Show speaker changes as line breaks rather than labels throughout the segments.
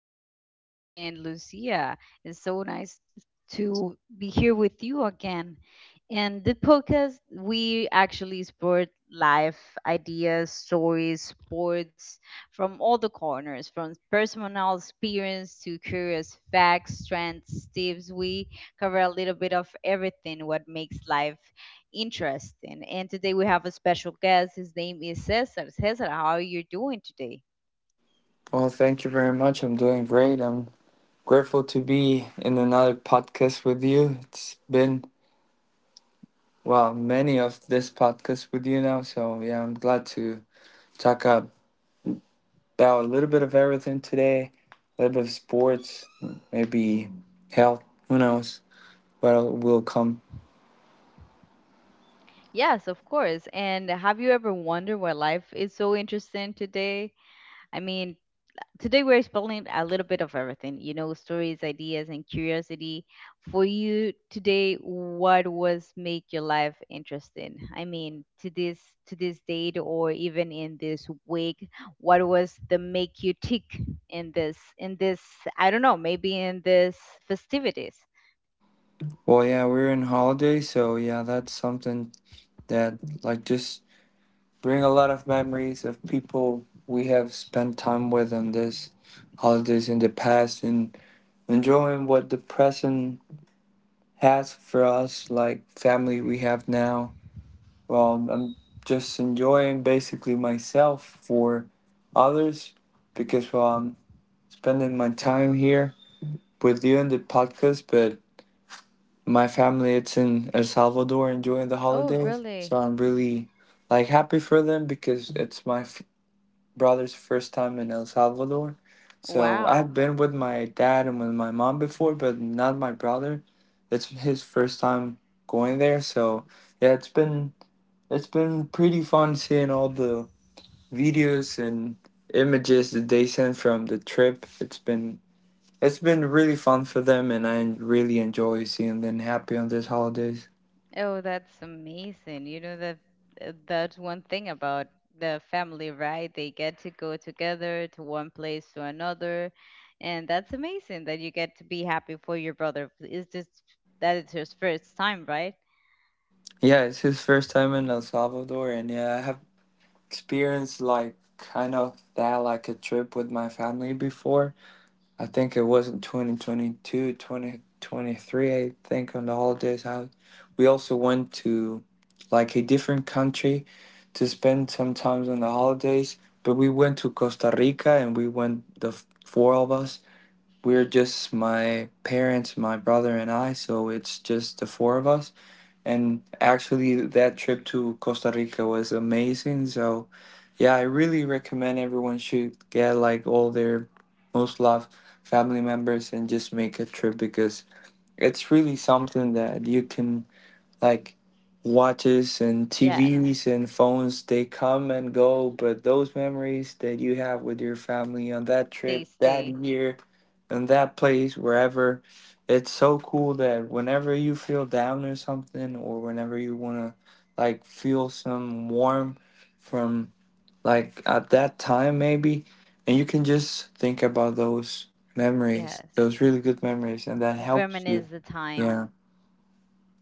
Cesar and Lucia. It's so nice to be here with you again. And the podcast, we actually explore life, ideas, stories, sports from all the corners, from personal experience to curious facts, trends, tips. We cover a little bit of everything what makes life interesting. And today we have a special guest. His name is Cesar. Cesar, how are you doing today?
Well, thank you very much. I'm doing great. I'm grateful to be in another podcast with you. It's been, well, many of this podcast with you now. So, yeah, I'm glad to talk about a little bit of everything today, a little bit of sports, maybe health, who knows what will come.
Yes, of course. And have you ever wondered why life is so interesting today? I mean, today we're exploring a little bit of everything, stories, ideas, and curiosity. For you today, what was make your life interesting? I mean, to this date or even in this week, what was the make you tick in this I don't know, maybe in this festivities?
Well, yeah, we're in holiday. So, yeah, that's something that, like, just bring a lot of memories of people we have spent time with on this holidays in the past and enjoying what the present has for us, like family we have now. Well, I'm just enjoying basically myself for others because well, I'm spending my time here with you in the podcast, but my family it's in El Salvador enjoying the
Oh,
holidays,
really?
so I'm really like happy for them because it's my brother's first time in El Salvador. So I've
Wow.
been with my dad and with my mom before, but not my brother. It's his first time going there. So yeah, it's been pretty fun seeing all the videos and images that they sent from the trip. It's been really fun for them and I really enjoy seeing them happy on these holidays.
Oh, that's amazing. You know that that's one thing about the family, right? They get to go together to one place to another, and that's amazing that you get to be happy for your brother. It's just that it's his first time, right?
Yeah, it's his first time in El Salvador and yeah, I have experienced like kind of that like a trip with my family before. I think it was 2023. I think on the holidays. We also went to like a different country to spend some time on the holidays, but we went to Costa Rica and we went the four of us. We're just my parents, my brother, and I, so it's just the four of us. And actually, that trip to Costa Rica was amazing. So yeah, I really recommend everyone should get like all their most loved family members and just make a trip because it's really something that you can like watches and
Yes,
TVs and phones they come and go, but those memories that you have with your family on that
they
trip, that
stay.
year, and that place, wherever, it's so cool that whenever you feel down or something or whenever you want to like feel some warm from like at that time maybe, and you can just think about those memories,
Yes,
those really good memories, and that helps you.
reminisce the time.
Yeah,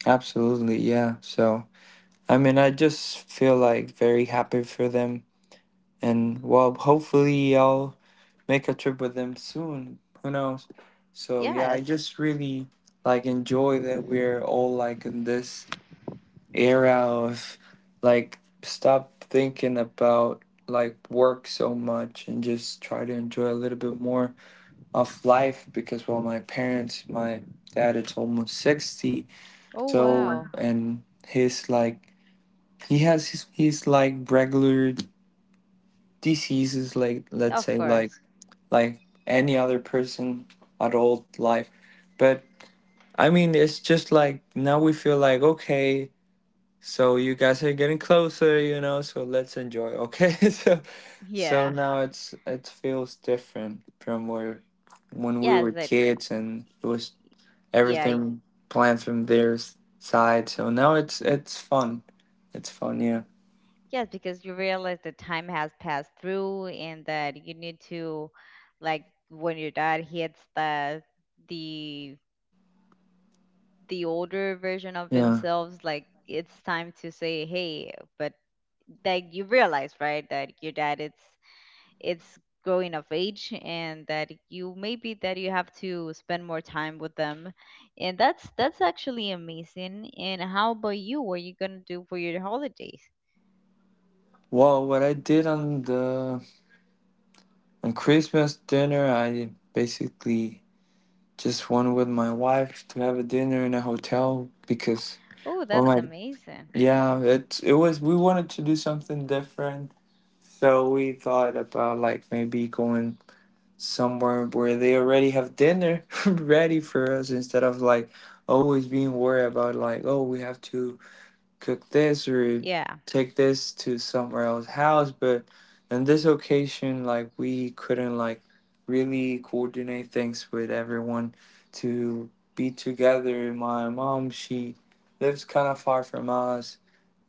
absolutely, yeah. So I mean I just feel like very happy for them, and well hopefully I'll make a trip with them soon, who knows. So yeah, I
Yes.
just really like enjoy that we're all like in this era of like stop thinking about like work so much and just try to enjoy a little bit more of life, because well, my parents, my dad is almost 60.
Oh
So,
wow.
and his like he's like regular diseases, like let's
Of
say like
course.
like any other person, adult life. But I mean it's just like now we feel like okay. So you guys are getting closer, you know, so let's enjoy. Okay. So
Yeah.
now it feels different from where when we
Yes.
were
That.
kids and it was
Yeah.
everything planned from their side. So now it's fun. It's fun, yeah.
Yes, because you realize that time has passed through and that you need to like when your dad hits the the older version of
Yeah.
themselves, like it's time to say, hey, but like you realize, right, that your dad it's growing of age and that you maybe that you have to spend more time with them. And that's actually amazing. And how about you? What are you gonna do for your holidays?
Well, what I did on the on Christmas dinner, I basically just went with my wife to have a dinner in a hotel, because
Oh,
oh
that's
my.
amazing.
Yeah, it was, we wanted to do something different, so we thought about like maybe going somewhere where they already have dinner ready for us instead of like always being worried about like oh we have to cook this or
Yeah.
take this to somewhere else house. But on this occasion like we couldn't like really coordinate things with everyone to be together. My mom, she lives kind of far from us,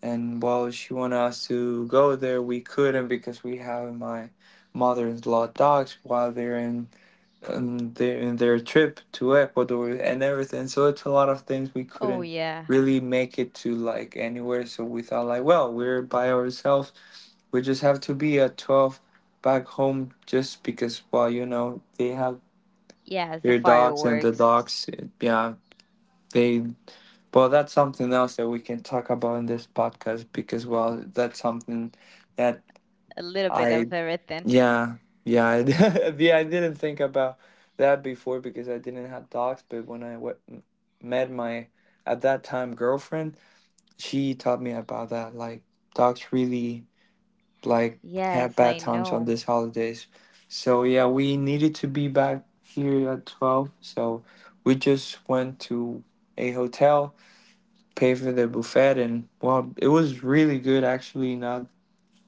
and while she wanted us to go there, we couldn't because we have my mother-in-law dogs while are in their trip to Ecuador and everything. So it's a lot of things we
Oh
couldn't
yeah.
really make it to like anywhere. So we thought like, well, we're by ourselves. We just have to be at 12 back home, just because well, they have
Yes, the
their dogs. And the
fireworks.
dogs, yeah, they, well, that's something else that we can talk about in this podcast, because well, that's something that
A little bit of
I,
everything.
yeah, yeah, yeah, I didn't think about that before because I didn't have dogs. But when I met my, at that time, girlfriend, she taught me about that. Like, dogs really, like, have
Yes,
bad
I
times on
know.
these holidays. So, yeah, we needed to be back here at 12. So, we just went to a hotel, pay for the buffet, and well it was really good, actually not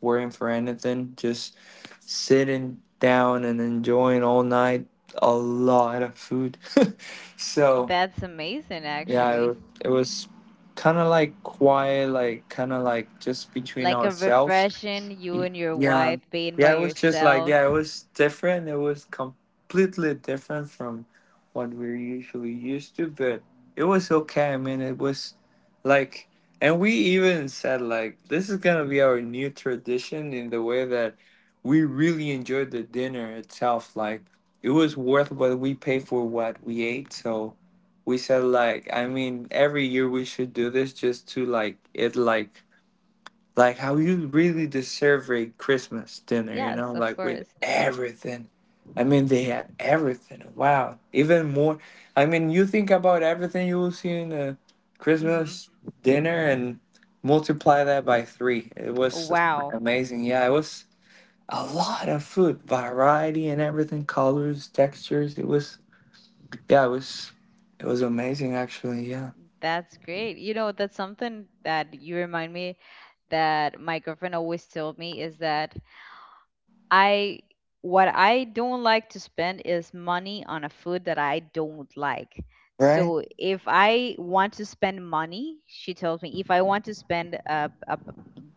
worrying for anything, just sitting down and enjoying all night a lot of food. So
That's amazing
yeah,
actually.
it was kind of like quiet, like kind of like just between
Like a
ourselves.
refreshing you
Y-
and your
Yeah.
wife being
Yeah,
by
it was just like,
yourselves.
yeah, it was different. It was completely different from what we're usually used to, but it was okay. I mean, it was like, and we even said like this is going to be our new tradition in the way that we really enjoyed the dinner itself. Like, it was worth what we paid for what we ate. So we said like, I mean, every year we should do this just to, like, how you really deserve a Christmas dinner, you know,
Yes, of
like with
course.
everything. I mean, they had everything. Wow, even more. I mean, you think about everything you will see in a
Mhm.
Christmas dinner and multiply that by three. It was
Wow,
amazing. Yeah, it was a lot of food, variety and everything, colors, textures. It was, yeah, it was amazing actually. Yeah.
that's great. You know, that's something that you remind me that my girlfriend always told me is that I what I don't like to spend is money on a food that I don't like.
Right?
So if I want to spend money, she tells me if I want to spend a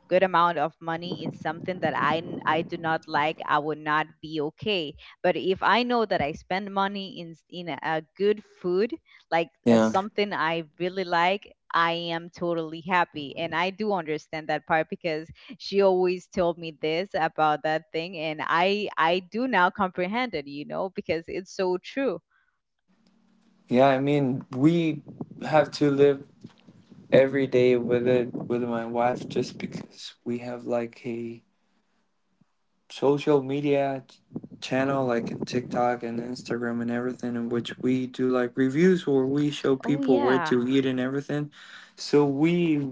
good amount of money in something that I do not like, I would not be okay. But if I know that I spend money in in a good food, like
Yeah.
something I really like, I am totally happy. And I do understand that part because she always told me this about that thing and I do now comprehend it, because it's so true.
Yeah, I mean, we have to live every day with it with my wife just because we have like a social media channel like in TikTok and Instagram and everything in which we do like reviews where we show
Oh
people where
yeah.
to eat and everything. So we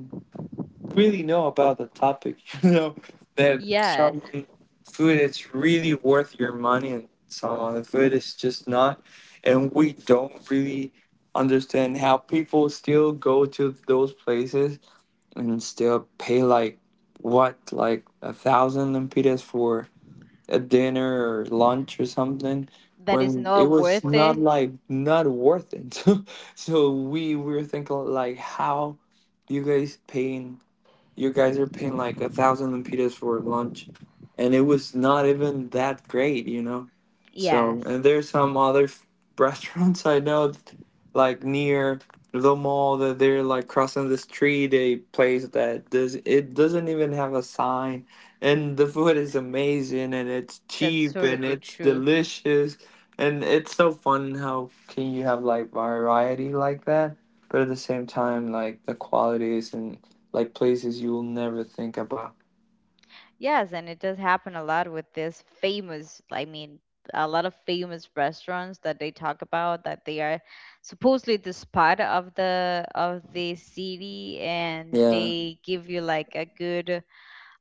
really know about the topic, you know, that
Yes.
some food is really worth your money and some other food is just not. And we don't really understand how people still go to those places and still pay like what like 1,000 lempiras for a dinner or lunch or something
That is
when
not
it was
worth
not
it.
like not worth it. So we were thinking like how you guys paying, you guys are paying like 1,000 lempitas for lunch, and it was not even that great, you know. So,
Yes.
and there's some other restaurants I know, like near the mall that they're like crossing the street, a place that does it doesn't even have a sign, and the food is amazing and it's
That's
cheap and
totally
it's
true.
delicious. And it's so fun how can you have like variety like that, but at the same time like the quality isn't like places you will never think about.
Yes, and it does happen a lot with this famous, I mean, a lot of famous restaurants that they talk about that they are supposedly the spot of the city and
Yeah.
they give you like a good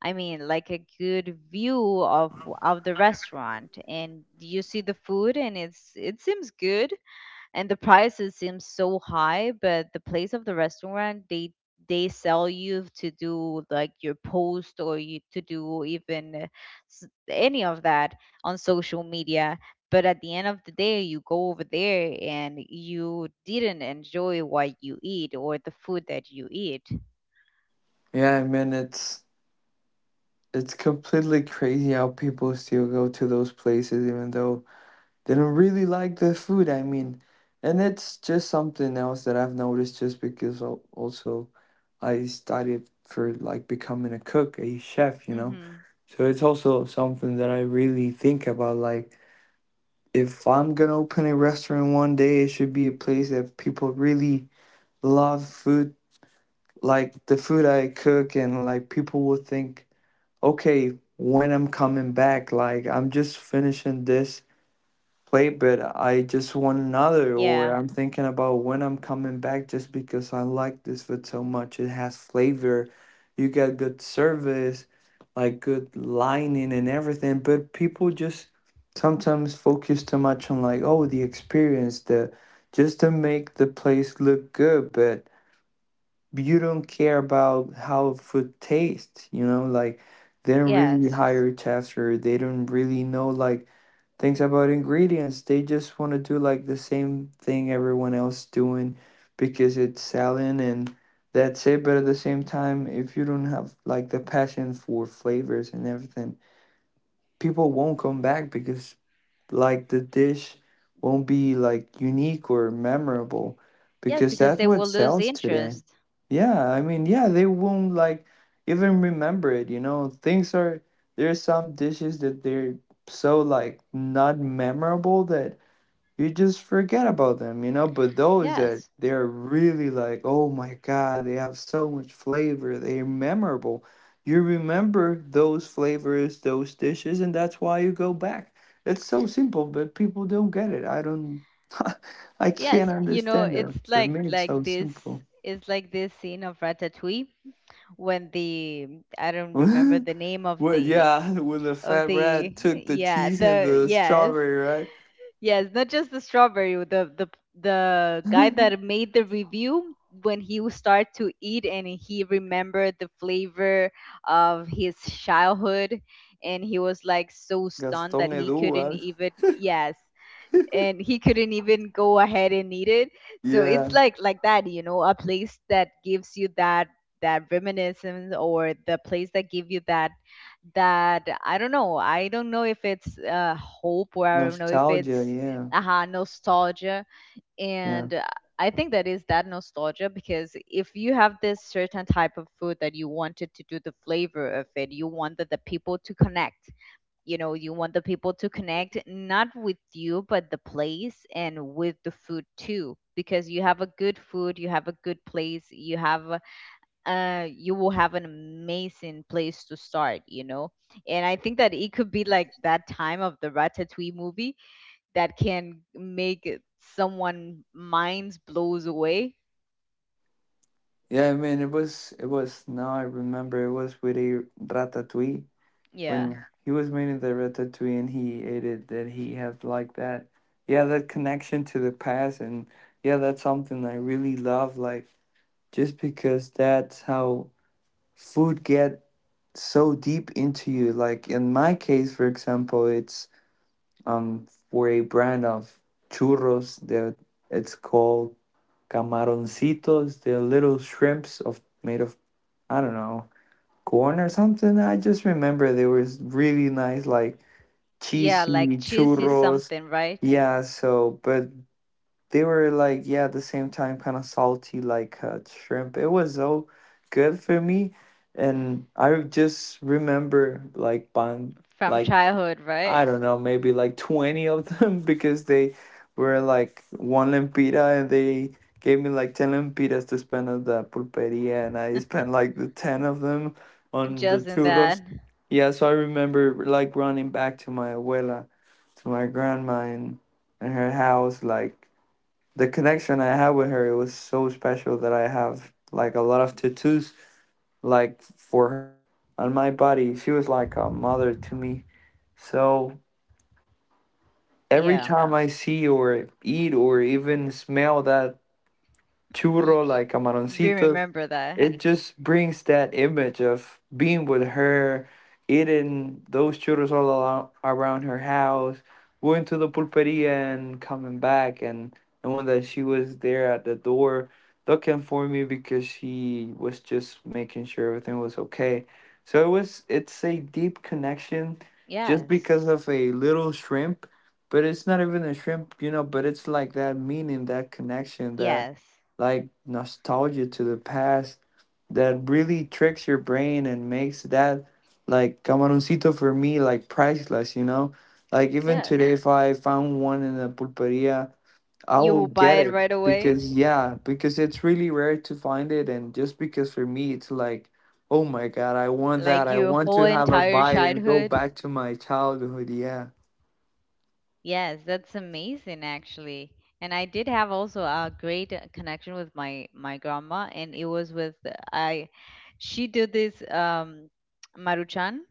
I mean, like a good view of the restaurant and you see the food and it seems good and the prices seem so high but the place of the restaurant they sell you to do like your post or you to do even any of that on social media but at the end of the day you go over there and you didn't enjoy what you eat or the food that you eat.
Yeah, I mean it's completely crazy how people still go to those places even though they don't really like the food, I mean. And it's just something else that I've noticed just because also I studied for like becoming a cook, a chef, you know.
Hmm.
So it's also something that I really think about, like if I'm gonna open a restaurant one day, it should be a place that people really love food, like the food I cook, and like people will think, okay, when I'm coming back, like I'm just finishing this plate, but I just want another, or
Yeah.
I'm thinking about when I'm coming back just because I like this food so much. It has flavor, you get good service, like good lining and everything, but people just sometimes focus too much on like, oh, the experience, the just to make the place look good, but you don't care about how food tastes, you know, like they don't really
Yes.
hire chefs or they don't really know like things about ingredients. They just want to do like the same thing everyone else doing because it's selling and that's it. But at the same time, if you don't have like the passion for flavors and everything, people won't come back because like the dish won't be like unique or memorable
Yes,
because
because
that's
they
what
will lose
sells today.
interest.
Yeah, I mean, yeah, they won't like even remember it, you know. Things are there's some dishes that they're so like not memorable that you just forget about them, you know. But those that
Yes.
they're really like, oh my god, they have so much flavor, they're memorable. You remember those flavors, those dishes, and that's why you go back. It's so simple, but people don't get it. I don't, I can't
Yes. You know,
understand it.
it's
For
like
me, it's
like
so simple.
this scene of Ratatouille when the I don't remember the
Well,
name of the
yeah, when the fat rat took the
yeah,
cheese and
the
the
yes.
strawberry, right?
Yes, not just the strawberry. The guy that made the review when he would start to eat and he remembered the flavor of his childhood and he was like so stunned
Gaston
that he couldn't
Edouard.
even, yes, and he couldn't even go ahead and eat it. So
Yeah,
it's like that, a place that gives you that reminiscence or the place that give you that I don't know, if it's hope or I don't know if
nostalgia.
it's
Yeah,
aha nostalgia.
yeah.
And I think that is that nostalgia because if you have this certain type of food that you wanted to do the flavor of it, you wanted the people to connect, you want the people to connect not with you but the place and with the food too, because you have a good food, you have a good place, you have you will have an amazing place to start. And I think that it could be like that time of the Ratatouille movie that can someone minds blows away.
Yeah, I mean, it was, now I remember it was with a ratatouille when
Yeah.
He was making the ratatouille and he ate it, that he had like that. Yeah, that connection to the past. And yeah, that's something I really love. Like, just because that's how food get so deep into you. Like, in my case, for example, it's um for a brand of churros that it's called camaroncitos. They're little shrimps of made of I don't know corn or something. I just remember there was really nice, like
Yeah,
cheesy
like cheese is
churros.
something, right?
Yeah, so, but they were like, yeah, at the same time, kind of salty, like shrimp. It was so good for me. And I just remember like bun,
From
like
childhood, right?
I don't know, maybe like 20 of them because they were like one lempira and they gave me like 10 lempiras to spend at the pulperia and I spent like the 10 of them on the
Just in that.
churros. Yeah, so I remember like running back to my abuela, to my grandma in her house. Like the connection I had with her, it was so special that I have like a lot of tattoos like for her on my body. She was like a mother to me. So every
Yeah.
time I see or eat or even smell that churro like
You
camaroncitos,
remember that.
it just brings that image of being with her, eating those churros all along, around her house, going to the pulperia and coming back, and knowing that she was there at the door looking for me because she was just making sure everything was okay. So it's a deep connection just
Yes.
because of a little shrimp, but it's not even a shrimp, you know, but it's like that meaning, that connection, that
Yes.
like nostalgia to the past that really tricks your brain and makes that like camaroncito for me like priceless, you know? Like even
Yes.
today if I found one in a pulperia, I
You
will
will buy
get
it right
it
away?
because yeah, because it's really rare to find it and just because for me it's like oh my god, I want that.
Like
I
your
want
whole
to have a
entire
bite and go
childhood?
back to my childhood, yeah.
Yes, that's amazing actually. And I did have also a great connection with my grandma and it was with I she did this Maruchan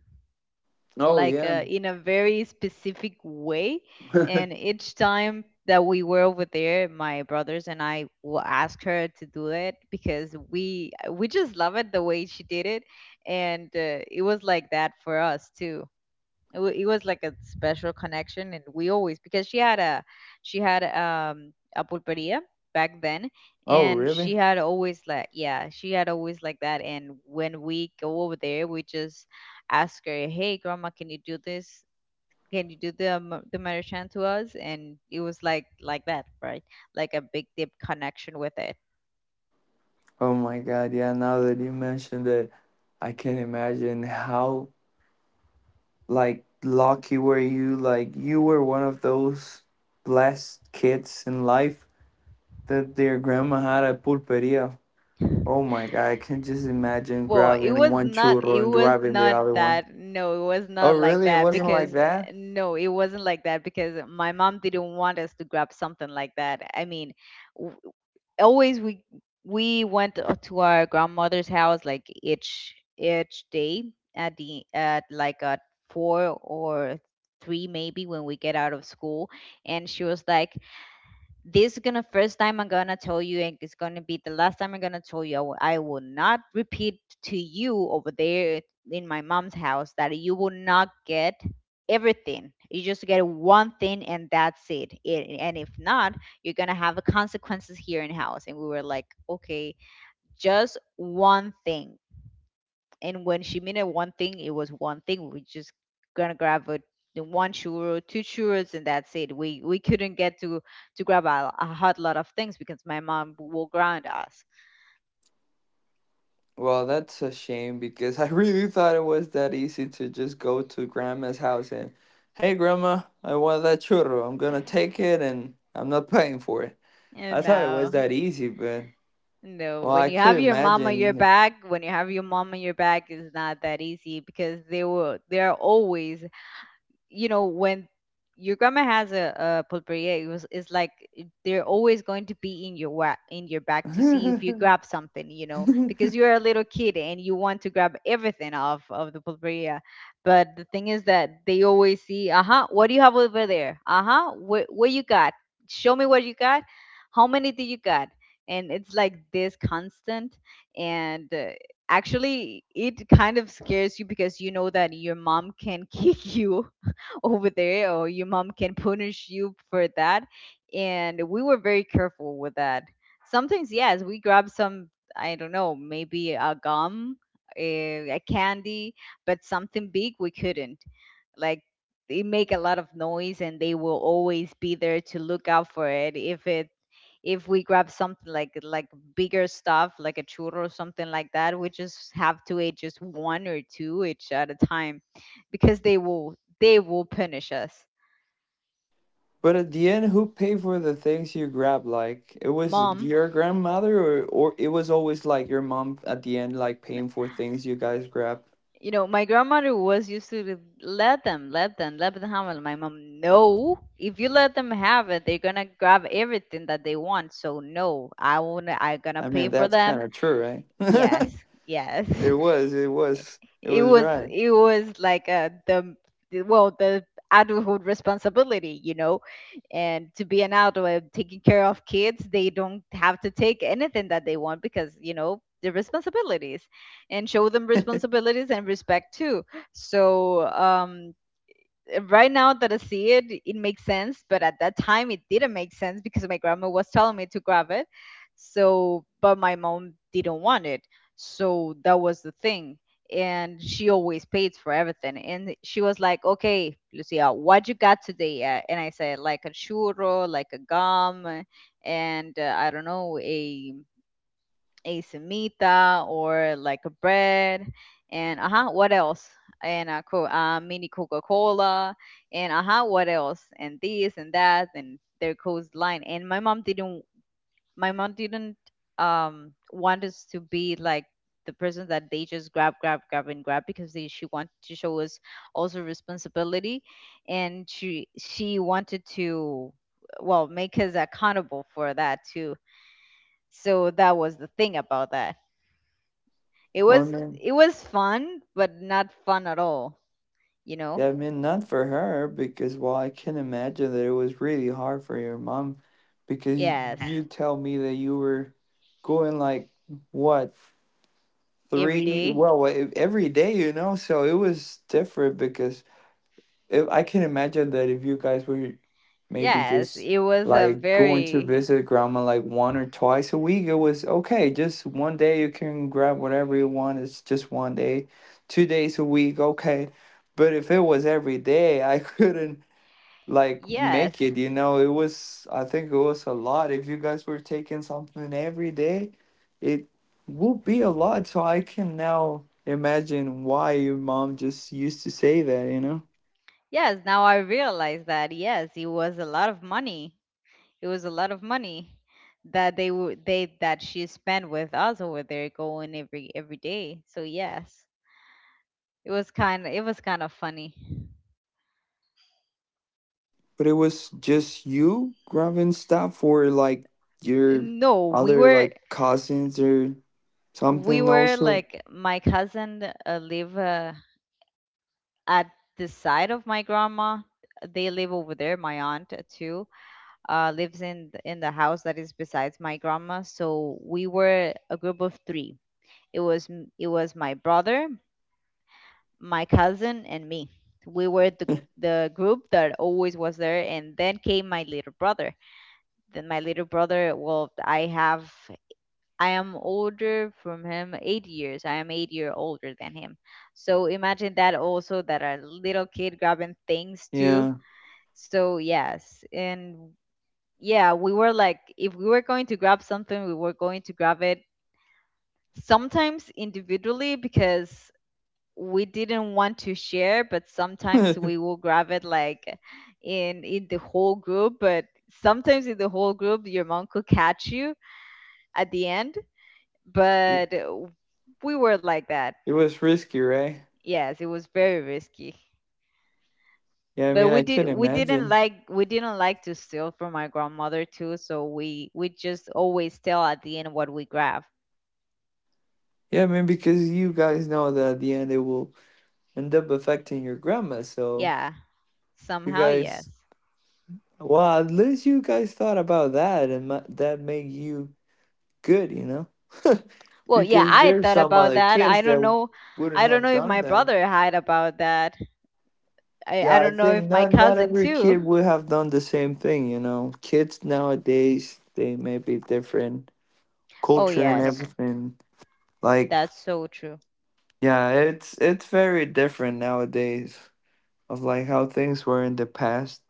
Oh
like
yeah.
in a very specific way. And each time that we were over there, my brothers and I will ask her to do it because we just love it the way she did it, and it was like that for us too. It was like a special connection, and we always, because she had a, she had a pulperia back then,
Oh
and
really?
she had always like yeah, she had always like that. And when we go over there, we just ask her, hey, grandma, can you do this, can you do the Maruchan to us. And it was like that, right? Like a big deep connection with it.
Oh my god, yeah, now that you mentioned it, I can imagine how like lucky were you, like you were one of those blessed kids in life that their grandma had a pulperia. Oh my god, I can just imagine
Well, it
grabbing
was
one
not
churro
it
and
was
grabbing the
not
other one.
that. No,
Oh really, it wasn't like that.
it wasn't like that because my mom didn't want us to grab something like that. I mean, w- always we went to our grandmother's house like each day at the at like at four or three maybe when we get out of school. And she was like, this is gonna first time I'm gonna tell you and it's gonna be the last time I'm gonna tell you. I will not repeat to you over there in my mom's house that you will not get everything, you just get one thing and that's it, and if not you're gonna have a consequences here in house. And we were like, okay, just one thing. And when she meant one thing, it was one thing. We just gonna grab a the one churro, two churros, and that's it. We couldn't get to grab a hot lot of things because my mom will ground us.
Well, that's a shame because I really thought it was that easy to just go to grandma's house and hey grandma I want that churro I'm gonna take it and I'm not paying for it. I
And
thought it was
no,
that easy but
no.
well
When
I
you
could
have your mom on your
imagine.
back, when you have your mom on your back, it's not that easy because they will. They're always, when your grandma has a pulperia, it was it's like it- they're always going to be in your in your back to see if you grab something, because you're a little kid and you want to grab everything off of the pulperia. But the thing is that they always see, uh-huh, what do you have over there, uh-huh, what you got, show me what you got, how many do you got. And it's like this constant, and actually it kind of scares you because you know that your mom can kick you over there, or your mom can punish you for that. And we were very careful with that. Sometimes yes we grab some, I don't know, maybe a gum, a candy, but something big we couldn't, like, they make a lot of noise and they will always be there to look out for it if it's if we grab something like bigger stuff, like a churro or something like that. We just have to eat just one or two each at a time because they will punish us.
But at the end, who paid for the things you grabbed? Like it was
Mom,
your grandmother, or it was always like your mom at the end, like paying for things you guys grabbed.
my grandmother was used to let them have it. My mom, no, if you let them have it, they're gonna grab everything that they want, so no, I won't I am gonna
I
pay
mean,
for
that's kind
them.
of true, right?
Yes. Yes.
It
it
was
was
right.
it was like the adulthood responsibility, and to be an adult and taking care of kids, they don't have to take anything that they want because you know the responsibilities, and show them responsibilities and respect too. So right now that I see it, it makes sense. But at that time, it didn't make sense because my grandma was telling me to grab it. So, but my mom didn't want it. So that was the thing. And she always pays for everything. And she was like, okay, Lucia, what you got today? And I said, like a churro, like a gum, and I don't know, a semita or like a bread and uh-huh, what else, and a mini coca-cola and uh-huh, what else, and this and that and their line. And my mom didn't, my mom didn't want us to be like the person that they just grab, grab, grab, and grab because she wanted to show us also responsibility. And she wanted to, well, make us accountable for that too. So that was the thing about that. it
Well,
was
no,
it was fun, but not fun at all, you know?
yeah, I mean, not for her because, well, I can imagine that it was really hard for your mom because
Yes,
you tell me that you were going like what?
every
three
day.
well wa- every day, you know, so it was different because if I can imagine that if you guys were maybe
Yes,
just
it was a
like going to
very
visit grandma like one or twice a week, it was okay, just one day you can grab whatever you want, it's just one day, 2 days a week okay, but if it was every day I couldn't like
yes.
make it, you know. It was, I think it was a lot if you guys were taking something every day, it would be a lot, so I can now imagine why your mom just used to say that, you know.
Yes, now I realize that yes, it was a lot of money. It was a lot of money that they would they that she spent with us over there going every day. So yes, it was kind of funny.
But it was just you grabbing stuff or like your
No, we
other
were
like cousins or
we
something
were
also?
like my cousin live, at the side of my grandma. They live over there. My aunt, too, lives in in the house that is besides my grandma. So we were a group of three. It was it was my brother, my cousin, and me. We were the group that always was there. And then came my little brother. Then my little brother, well, I have, I am older from him 8 years. I am 8 year older than him. So imagine that also, that a little kid grabbing things too.
Yeah.
So yes, and yeah, we were like, if we were going to grab something, we were going to grab it sometimes individually because we didn't want to share, but sometimes
It
we will grab it like in the whole group. But sometimes in the whole group, your mom could catch you at the end. But we were like that.
was risky, right?
Yes, it was very risky.
Yeah, I
But
mean,
we
I
did,
can imagine.
we didn't like to steal from my grandmother too, so we just always tell at the end what we grab.
Yeah, I mean because you guys know that at the end it will end up affecting your grandma. So
Yeah,
you
somehow
guys,
yes.
well, at least you guys thought about that, and that made you good, you know,
Well, yeah,
because
I
there's
thought
some
about
other
that. I
kids that
don't know.
wouldn't
I don't
have
know if
done
my
that.
brother had about that. I
Yeah, I
don't know
think
if my
not
cousin
every
too.
kid would have done the same thing, you know. Kids nowadays they may be different
Oh
culture and
yes,
everything. Like
that's so true.
yeah, it's very different nowadays of like how things were in the past.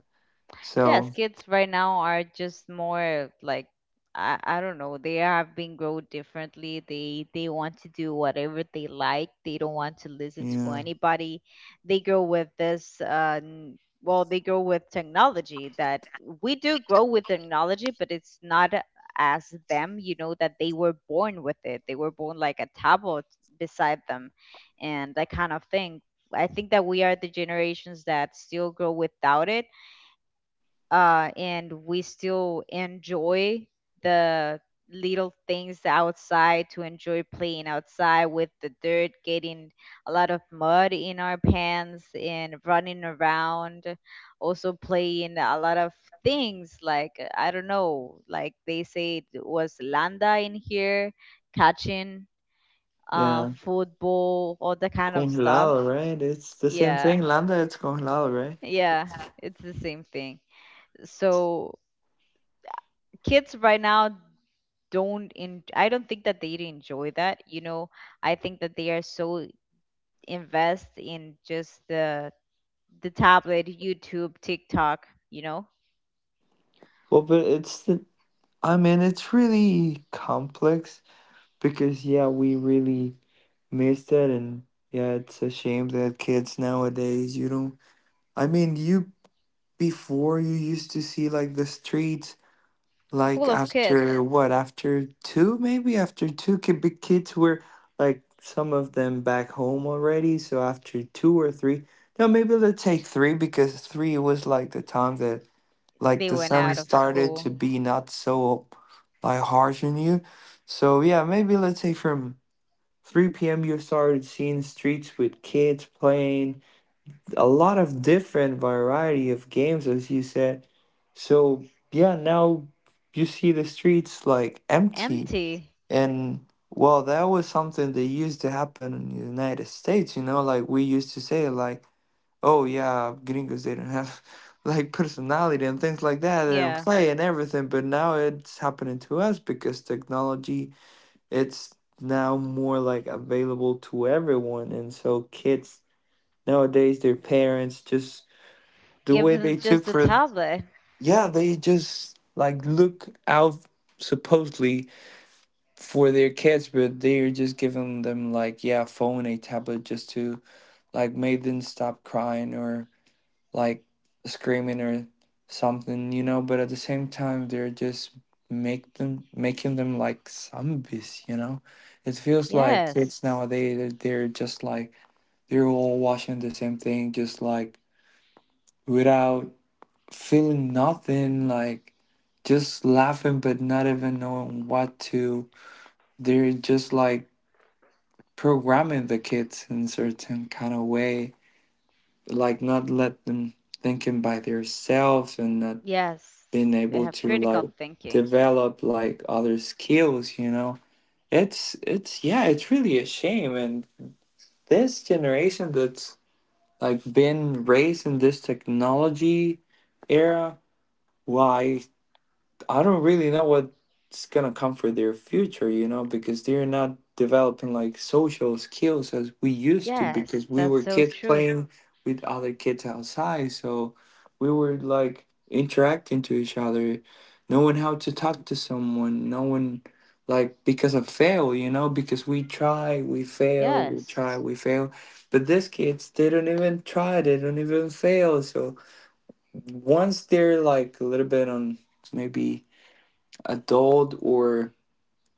Yes,
So
kids right now are just more like, I don't know. They have been grown differently. They want to do whatever they like. They don't want to listen to
yeah.
anybody. They grow with this. They grow with technology. That we do grow with technology, but it's not as them. You know that they were born with it. They were born like a tablet beside them, and that kind of thing. I think that we are the generations that still grow without it, and we still enjoy the little things outside, to enjoy playing outside with the dirt, getting a lot of mud in our pants and running around, also playing a lot of things like, I don't know, like they say it was landa in here, catching,
Yeah.
football, all that kind of stuff.
Congelado, right? It's the same
Yeah,
thing. Lambda, it's congelado, right?
yeah, it's the same thing. So kids right now don't, in I don't think that they'd enjoy that. You know, I think that they are so invest in just the tablet, YouTube, TikTok, you know,
Well, but it's the, I mean, it's really complex because, yeah, we really missed it. And yeah, it's a shame that kids nowadays, you don't, I mean, you, before you used to see like the streets like
full of
after
kids.
what, after two, maybe after two big kids were like some of them back home already, so after two or three, no maybe let's take three because three was like the time that like
They
the
went
sun
out of
started to
school
be not so like harsh on you. So yeah, maybe let's say from 3 p.m you started seeing streets with kids playing a lot of different variety of games as you said. So yeah, now you see the streets like empty.
empty.
And well, that was something that used to happen in the United States, you know, like we used to say like oh yeah gringos they don't have like personality and things like that, they don't
Yeah.
play and everything, but now it's happening to us because technology it's now more like available to everyone. And so kids nowadays their parents just the
Give
way
them
they
just
took
the
for
tablet.
yeah, they just like look out supposedly for their kids but they're just giving them like yeah phone a tablet just to like make them stop crying or like screaming or something, you know, but at the same time they're just make them making them like zombies, you know. It feels like
Yes.
kids nowadays they're just like they're all watching the same thing just like without feeling nothing, like just laughing but not even knowing what to. They're just like programming the kids in certain kind of way, like not let them thinking by themselves and not
Yes.
being
They
able
have
to like
critical thinking.
develop like other skills, you know. It's yeah, it's really a shame. And this generation that's like been raised in this technology era, why I don't really know what's gonna come for their future, you know, because they're not developing like social skills as we used to, because
Yes,
we
that's
were
so
kids
true.
playing with other kids outside, so we were like interacting to each other, knowing how to talk to someone, knowing like because of fail, you know, because we try, we fail, we
Yes.
try, we fail. But these kids they don't even try, they don't even fail. So once they're like a little bit on maybe adult or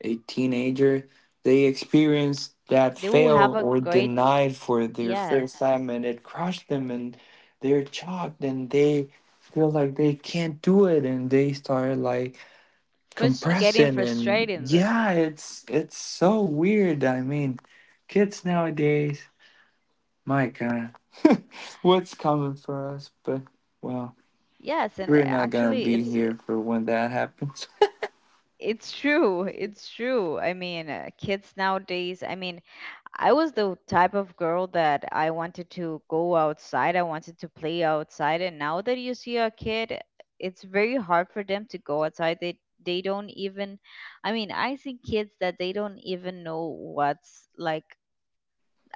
a teenager, they experience that
They will
fail
have a
or
great
denied for their first
yes.
time and it crushed them and they're shocked and they feel like they can't do it and they start like
First getting
compressing,
frustrated
and
in the
yeah it's so weird. I mean, kids nowadays, my god, what's coming for us, but well,
yes, and
we're not gonna
actually,
be
it's
here for when that happens.
It's true. It's true. I mean, kids nowadays, I mean, I was the type of girl that I wanted to go outside, I wanted to play outside, and now that you see a kid, it's very hard for them to go outside. They don't even, I mean, I see kids that they don't even know what's like,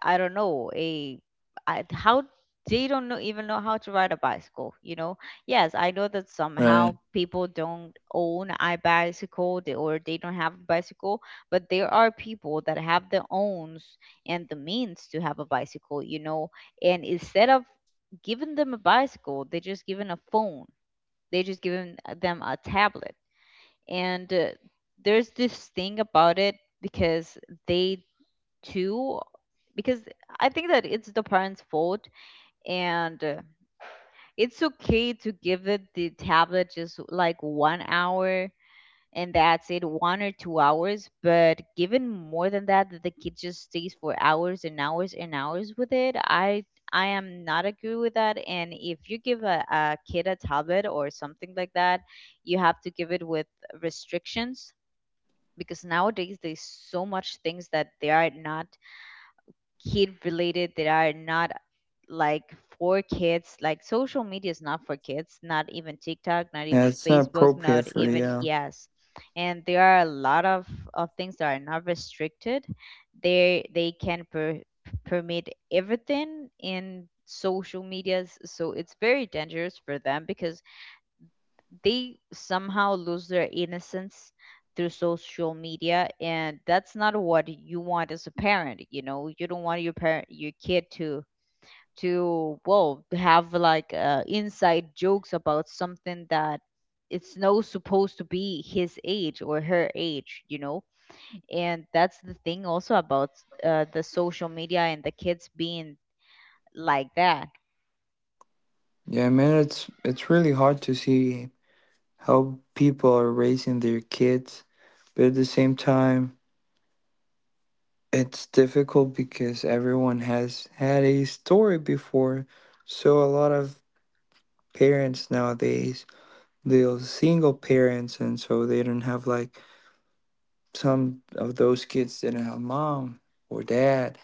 I don't know, how they don't know even know how to ride a bicycle, you know? Yes, I know that
Right?
somehow people don't own a bicycle or they don't have a bicycle, but there are people that have the owns and the means to have a bicycle, you know? And instead of giving them a bicycle, they just given a phone. They just given them a tablet. And there's this thing about it because they too, because I think that it's the parents' fault. And it's okay to give it the tablet just like one hour and that's it, one or two hours. But given more than that, that the kid just stays for hours and hours and hours with it, I am not agree with that. And if you give a kid a tablet or something like that, you have to give it with restrictions because nowadays there's so much things that they are not kid related, that are not like for kids. Like social media is not for kids, not even TikTok, not
Yeah,
even
it's not
Facebook,
appropriate
not
for
even,
yeah.
yes, and there are a lot of things that are not restricted. They can permit everything in social medias, so it's very dangerous for them because they somehow lose their innocence through social media. And that's not what you want as a parent, you know. You don't want your parent your kid to, well, have like, inside jokes about something that it's no supposed to be his age or her age, you know. And that's the thing also about, the social media and the kids being like that.
Yeah, I mean it's really hard to see how people are raising their kids, but at the same time, it's difficult because everyone has had a story before. So a lot of parents nowadays, they're single parents, and so they don't have like some of those kids didn't have mom or dad,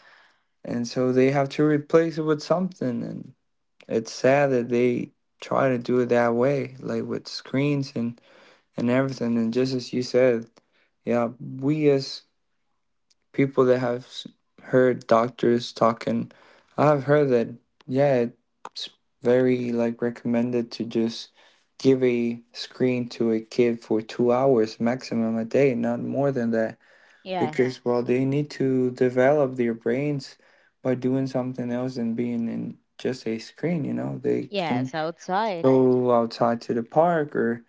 and so they have to replace it with something, and it's sad that they try to do it that way, like with screens and everything. And just as you said, yeah, we as people that have heard doctors talking, I've heard that yeah, it's very like recommended to just give a screen to a kid for 2 hours maximum a day, not more than that,
Yes.
because well, they need to develop their brains by doing something else and being in just a screen. You know, they can
Yes, outside.
go outside to the park or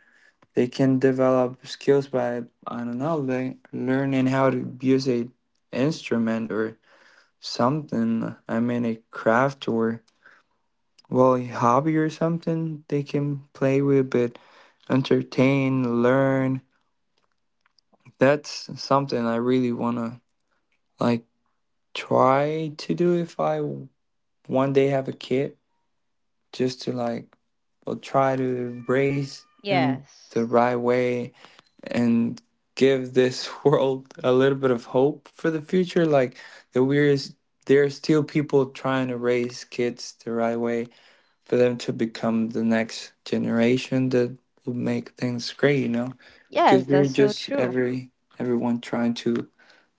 they can develop skills by I don't know like learning how to use a instrument or something, I mean a craft or well a hobby or something they can play with but entertain learn. That's something I really want to like try to do if I one day have a kid, just to like well, try to raise him
Yes.
the right way, and give this world a little bit of hope for the future. Like the weirdest, there are still people trying to raise kids the right way for them to become the next generation that will make things great. You know, because
Yes,
we're
that's so
just
true.
everyone trying to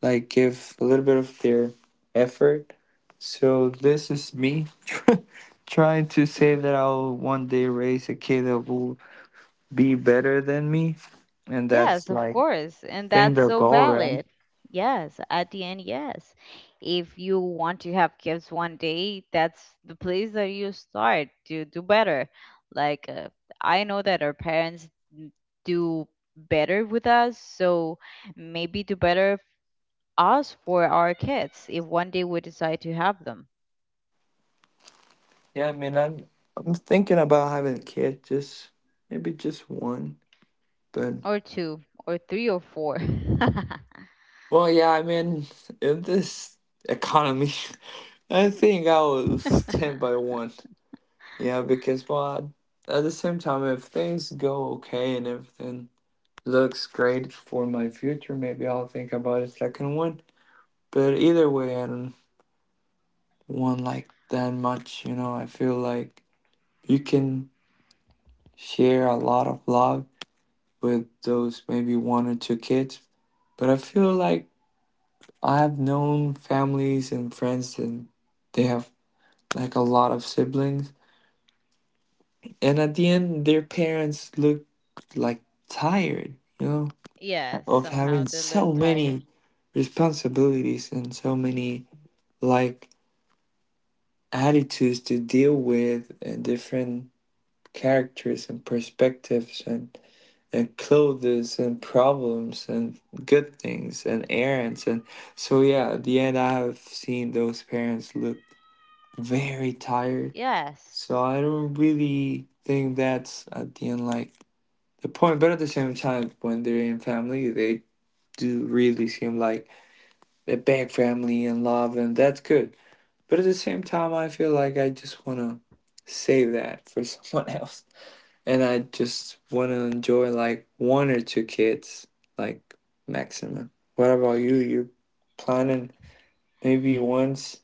like give a little bit of their effort. So this is me. Trying to say that I'll one day raise a kid that will be better than me, and
Yes,
that's
of
like
course. And
think
that's
their
so
goal, right?
valid. Yes, at the end, yes. If you want to have kids one day, that's the place that you start to do better. Like, I know that our parents n- do better with us, so maybe do better us for our kids if one day we decide to have them,
Yeah, I mean, I'm thinking about having a kid, just maybe just one. But
or two, or three, or four.
well, yeah, I mean, in this economy, I think I will stand by one. Yeah, because well, at the same time, if things go okay and everything looks great for my future, maybe I'll think about a second one. But either way, I don't want like that much. You know, I feel like you can share a lot of love with those maybe one or two kids. But I feel like I've known families and friends and they have like a lot of siblings. And at the end their parents look like tired, you know,
Yes,
of
somehow
having
they look
so
tired.
many responsibilities and so many like attitudes to deal with and different characters and perspectives and clothes and problems and good things and errands and so yeah at the end I have seen those parents look very tired.
Yes.
So I don't really think that's at the end like the point, but at the same time when they're in family they do really seem like a big family and love and that's good. But at the same time I feel like I just want to save that for someone else and I just want to enjoy like one or two kids, like maximum. What about you? You're planning maybe once?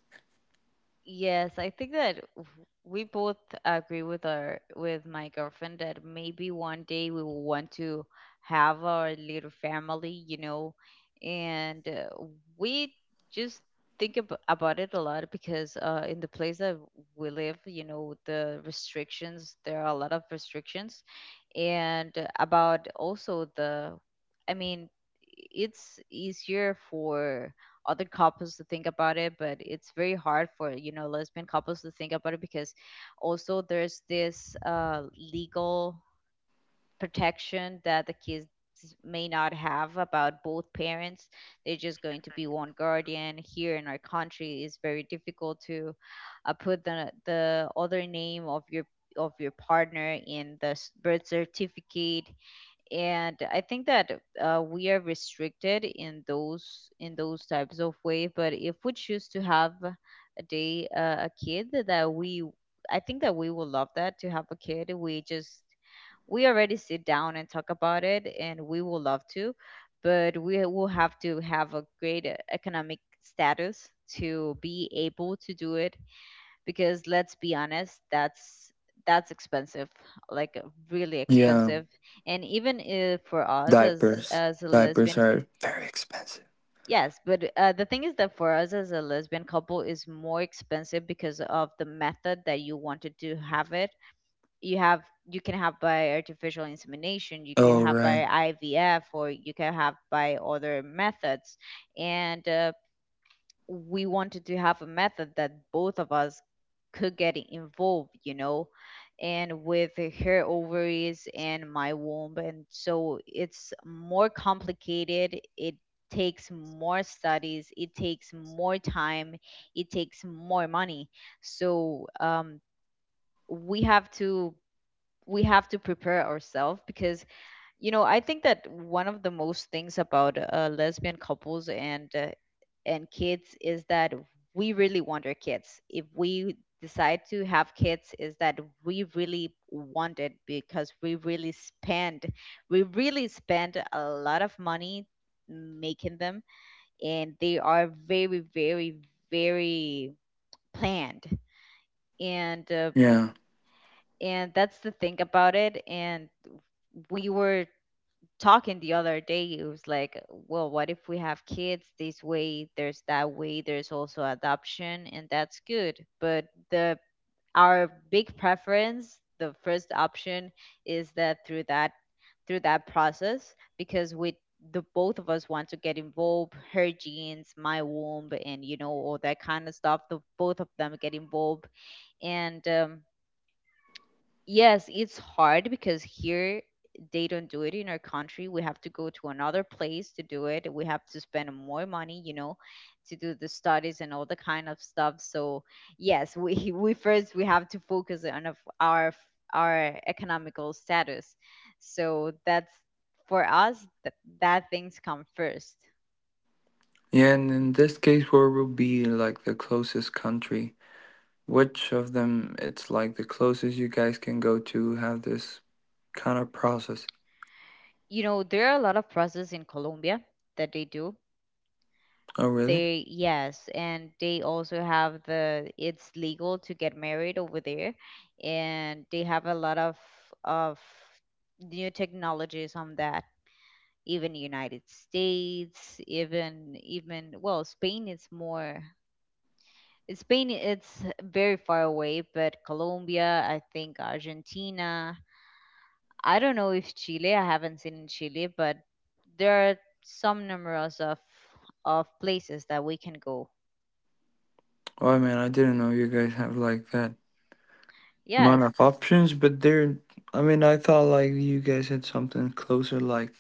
Yes, I think that we both agree with, our with my girlfriend that maybe one day we will want to have our little family, you know, and we just think ab about it a lot because, in the place that we live, you know, the restrictions, there are a lot of restrictions, and about also the, I mean, it's easier for other couples to think about it, but it's very hard for, you know, lesbian couples to think about it because also there's this, legal protection that the kids may not have about both parents. They're just going to be one guardian. Here in our country it's very difficult to, put the, other name of your, of your partner in the birth certificate. And I think that we are restricted in those, in those types of way. But if we choose to have a day, a kid, that we, I think that we will love that, to have a kid. We just, we already sit down and talk about it and we will love to, but we will have to have a great economic status to be able to do it, because let's be honest, that's expensive. Like, really
Yeah,
expensive. And even if for us as
diapers.
as a
Diapers
lesbian,
are very expensive.
yes, but the thing is that for us as a lesbian couple is more expensive because of the method that you wanted to have it. You have, you can have by artificial insemination, you can
Oh,
have
right.
by IVF, or you can have by other methods. And we wanted to have a method that both of us could get involved, you know, and with her ovaries and my womb. And so it's more complicated. It takes more studies, it takes more time, it takes more money. So um, we have to we have to prepare ourselves because I think that one of the most things about lesbian couples and kids is that we really want our kids. If we decide to have kids, is that we really want it because we really spend a lot of money making them, and they are very very very planned and uh,
Yeah.
and that's the thing about it. And we were talking the other day. It was like, well, what if we have kids this way, there's that way, there's also adoption, and that's good. But the our big preference, the first option, is that through that through that process because we the both of us want to get involved, her genes, my womb, and all that kind of stuff, the both of them get involved. And Yes, it's hard because here they don't do it in our country. We have to go to another place to do it. We have to spend more money, to do the studies and all the kind of stuff. So yes, we we first we have to focus on of our our economical status. So that's for us that things come first.
Yeah, and in this case, where will be like the closest country? Which of them it's like the closest you guys can go to have this kind of process?
You know, there are a lot of process in Colombia that they do.
Oh, really?
They Yes, and they also have the, it's legal to get married over there, and they have a lot of new technologies on that. Even United States, even well, Spain is more, Spain it's very far away, but Colombia, I think Argentina, I don't know if Chile, I haven't seen in Chile, but there are some numerous of places that we can go.
Oh, man, I didn't know you guys have like that amount
Yes.
of options, but there. I mean, I thought like you guys had something closer, like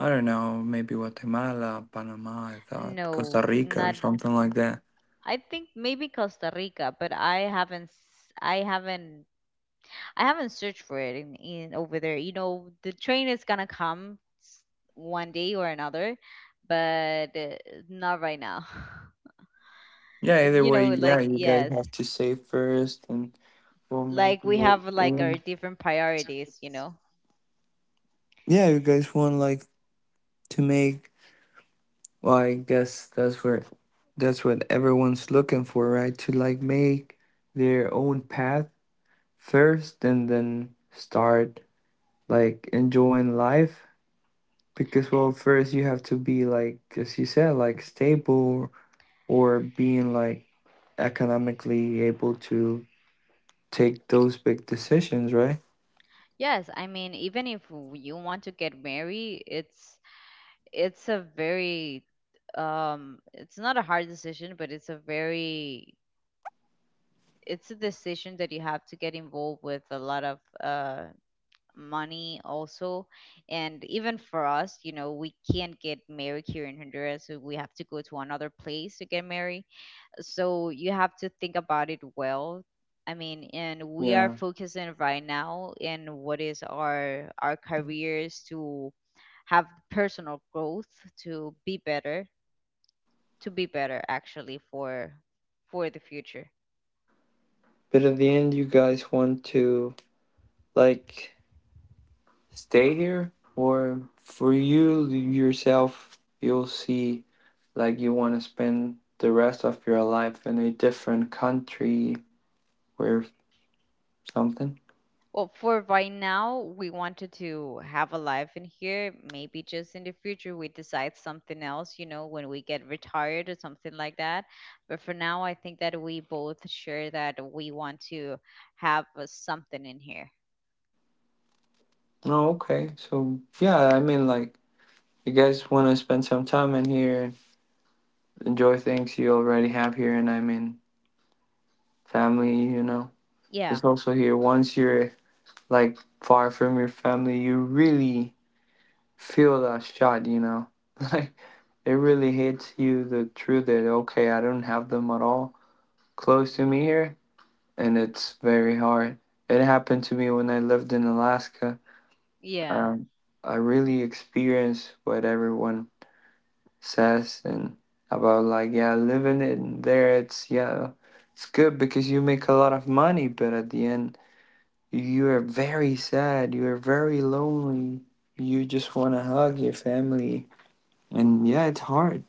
I don't know, maybe Guatemala, Panama. I thought
No,
Costa Rica or
not.
something like that.
I think maybe Costa Rica, but I haven't. I haven't searched for it in over there. You know, the train is gonna come one day or another, but not right now.
Yeah, either
You
way,
know,
yeah,
like
you guys
yes,
have to save first, and we'll make.
like we have like our different priorities. You know.
Yeah, you guys want like to make. Well, I guess that's where, that's what everyone's looking for, right? To like make their own path first, and then start like enjoying life because well first you have to be like as you said like stable or being like economically able to take those big decisions, right?
Yes, I mean, even if you want to get married, it's a very it's not a hard decision, but it's a very it's a decision that you have to get involved with a lot of money also. And even for us, you know, we can't get married here in Honduras, so we have to go to another place to get married. So you have to think about it. Well, I mean, and we are
Yeah,
focusing right now in what is our careers to have personal growth, to be better, to be better actually for the future.
but at the end you guys want to like stay here or for you yourself you'll see like you want to spend the rest of your life in a different country or something?
Well, for right now, we wanted to have a life in here. Maybe just in the future, we decide something else, you know, when we get retired or something like that. But for now, I think that we both share that we want to have something in here.
Oh okay, so yeah, I mean like you guys want to spend some time in here, enjoy things you already have here and I mean family, you know.
Yeah,
It's also here once you're like far from your family you really feel that shot, you know, like it really hits you the truth that okay I don't have them at all close to me here and it's very hard. It happened to me when I lived in Alaska.
yeah.
um, I really experienced what everyone says and about like yeah living in there it's yeah it's good because you make a lot of money but at the end you are very sad, you are very lonely, you just want to hug your family and yeah it's hard.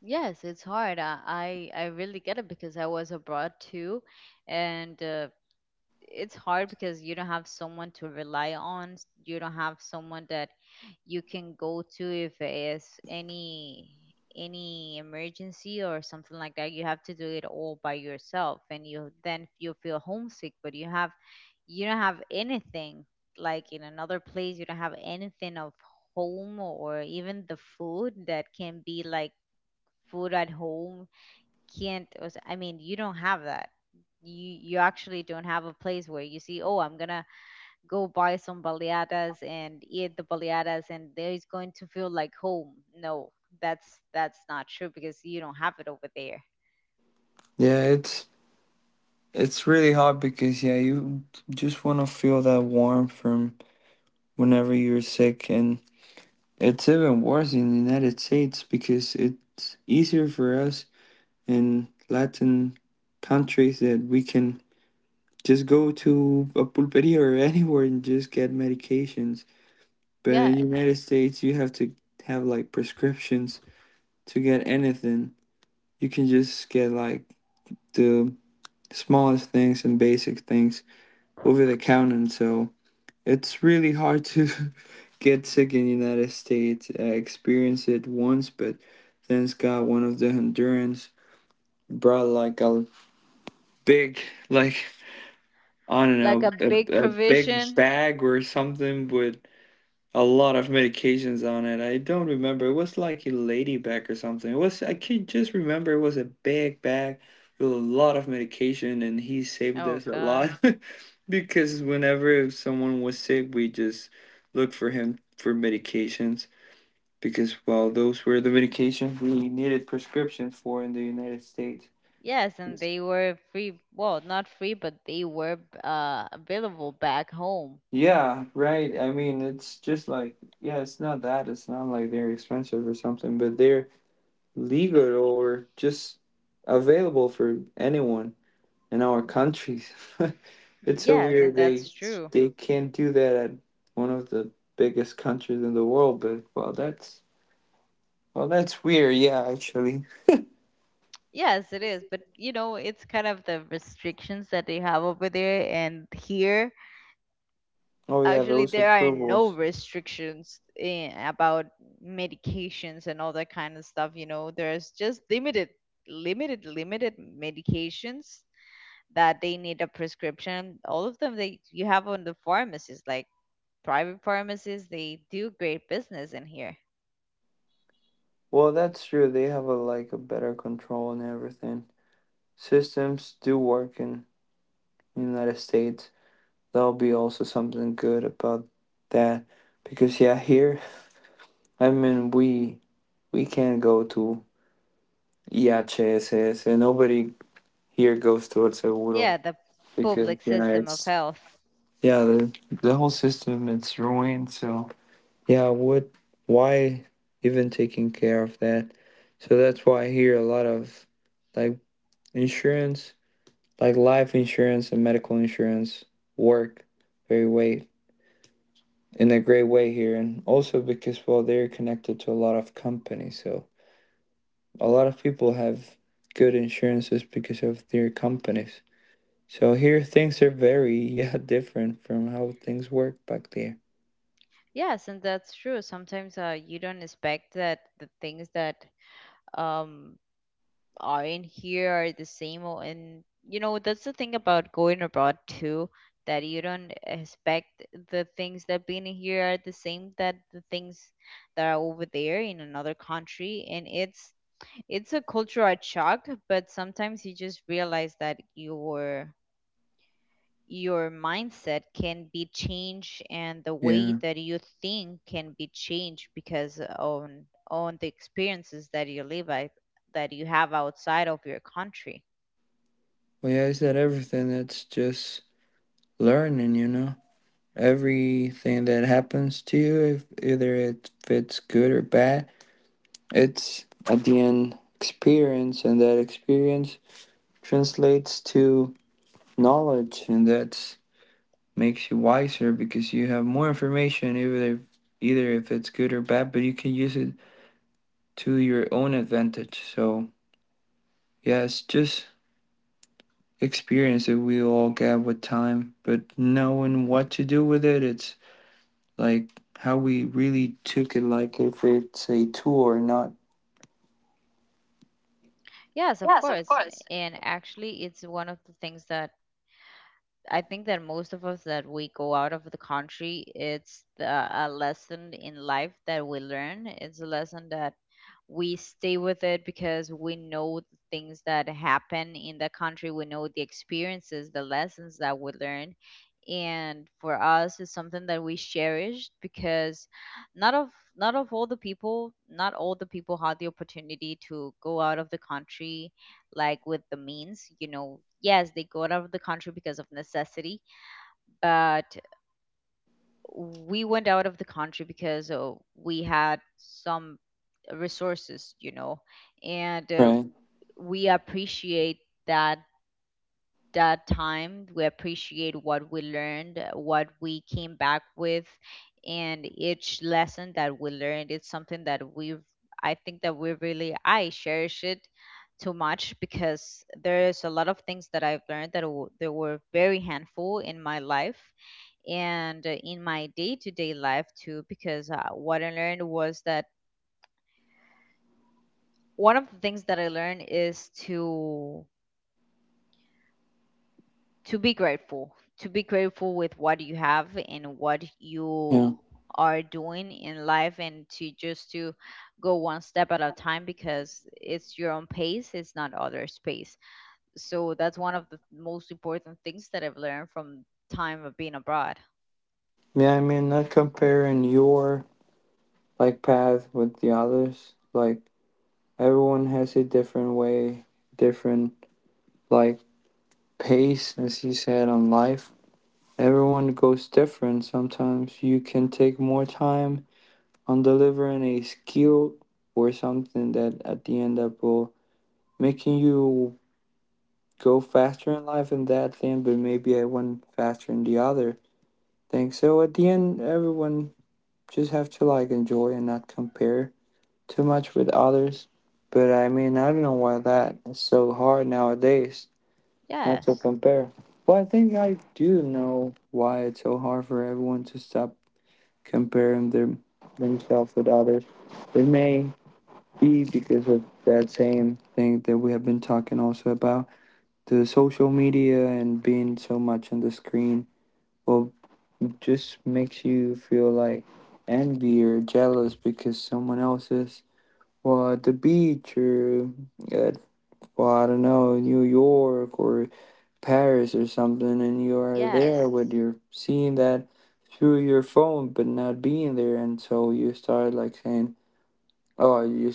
Yes, it's hard. I really get it because I was abroad too, and it's hard because you don't have someone to rely on. You don't have someone that you can go to if it's any emergency or something like that. You have to do it all by yourself, and you then you feel homesick, but you don't have anything. Like in another place you don't have anything of home, or even the food that can be like food at home, can't, I mean, you don't have that. You actually don't have a place where you see, oh, I'm gonna go buy some baleadas and eat the baleadas and there is going to feel like home. No, that's not true because you don't have it over there.
Yeah, it's really hard because yeah you just want to feel that warmth from whenever you're sick and it's even worse in the United States because it's easier for us in Latin countries that we can just go to a pulperia or anywhere and just get medications. But in the
Yes.
United States, you have to have like prescriptions to get anything. You can just get like the smallest things and basic things over the counter. And so it's really hard to get sick in the United States. I experienced it once, but thanks God, one of the Hondurans brought like a big, like, I don't
Like
know,
a big
a big
provision.
bag or something with a lot of medications on it. I don't remember. It was like a lady bag or something. It was I can just remember it was a big bag with a lot of medication, and he saved
Oh
us a lot
god.
because whenever someone was sick, we just looked for him for medications because well, those were the medications we needed prescriptions for in the United States.
Yes, and they were free, well, not free, but they were available back home.
Yeah, right. I mean, it's just like yeah, it's not that. It's not like they're expensive or something, but they're legal or just available for anyone in our countries. It's so
Yes, and
weird they
that's true.
they can't do that at one of the biggest countries in the world. But well, that's weird. Yeah, actually.
Yes, it is, but you know, it's kind of the restrictions that they have over there. And here
Oh yeah,
actually
those
there are no
approvals.
restrictions about medications and all that kind of stuff, you know. There's just limited medications that they need a prescription, all of them. They You have on the pharmacies, like private pharmacies, they do great business in here.
Well, that's true. They have a like a better control and everything. Systems do work in the United States. That'll be also something good about that because yeah, here I mean we can't go to, yeah, CSS, and nobody here goes towards Seguro
Yeah, the
because
public
yeah,
system of
it's
health.
yeah the whole system it's ruined. So yeah, what why even taking care of that? So that's why I hear a lot of like insurance, like life insurance and medical insurance work very way in a great way here, and also because well they're connected to a lot of companies, so a lot of people have good insurances because of their companies. So here things are very yeah different from how things work back there.
Yes, and that's true. Sometimes you don't expect that the things that um aren't here are the same and you know, that's the thing about going abroad too, that you don't expect the things that being here are the same that the things that are over there in another country. And it's a cultural shock, but sometimes you just realize that your mindset can be changed, and the way
Yeah.
that you think can be changed because on the experiences that you live at, that you have outside of your country.
Well yeah, I said everything. It's just learning, you know. Everything that happens to you, if either it fits good or bad, it's at the end experience and that experience translates to knowledge and that makes you wiser because you have more information either if it's good or bad, but you can use it to your own advantage. So yes, just experience it. We all get with time, but knowing what to do with it, it's like how we really took it, like if it's a tour, not
Yes, of course. And actually it's one of the things that I think that most of us that we go out of the country, it's a lesson in life that we learn. It's a lesson that we stay with it because we know the things that happen in the country. We know the experiences, the lessons that we learn, and for us it's something that we cherished because not of not of all the people not all the people had the opportunity to go out of the country like with the means, you know. Yes, they go out of the country because of necessity, but we went out of the country because we had some resources, you know. And
right.
we appreciate that that time. We appreciate what we learned, what we came back with, and each lesson that we learned. It's something that I think that we really, I cherish it too much because there's a lot of things that I've learned that they were very handful in my life and in my day-to-day life too because what I learned was that one of the things that I learned is to be grateful, to be grateful with what you have and what you
Yeah,
are doing in life, and to just to go one step at a time because it's your own pace, it's not others pace. So that's one of the most important things that I've learned from time of being abroad.
yeah. I mean, not comparing your like path with the others. Like everyone has a different way, different like pace, as he said, on life. Everyone goes different. Sometimes you can take more time on delivering a skill or something that at the end up will making you go faster in life in that thing, but maybe I went faster in the other thing. So at the end, everyone just have to like enjoy and not compare too much with others. But I mean, I don't know why that is so hard nowadays not to
Yes.
compare. Well, I think I do know why it's so hard for everyone to stop comparing themselves with others. They may be because of that same thing that we have been talking also about the social media and being so much on the screen, well it just makes you feel like envy or jealous because someone else is well at the beach or at well I don't know New York or Paris or something and you are there
Yes,
but you're seeing that through your phone but not being there and so you start like saying oh you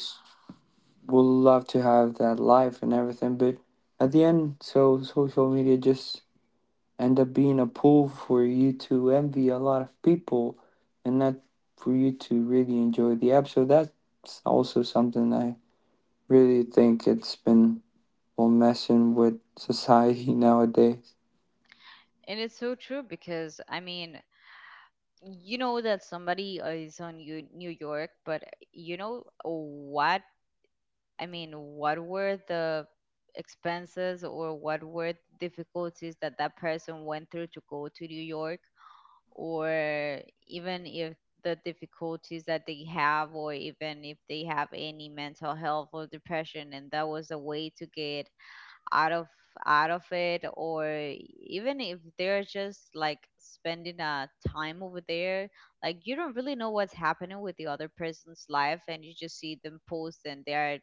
would love to have that life and everything but at the end so social media just end up being a pool for you to envy a lot of people and not for you to really enjoy the app so that's also something I really think it's been well messing with society nowadays.
and it's so true because I mean, you know that somebody is on, you, New York, but you know what, I mean, what were the expenses or what were difficulties that that person went through to go to New York, or even if the difficulties that they have, or even if they have any mental health or depression, and that was a way to get out of it, or even if they're just like spending a time over there. Like you don't really know what's happening with the other person's life, and you just see them post and they are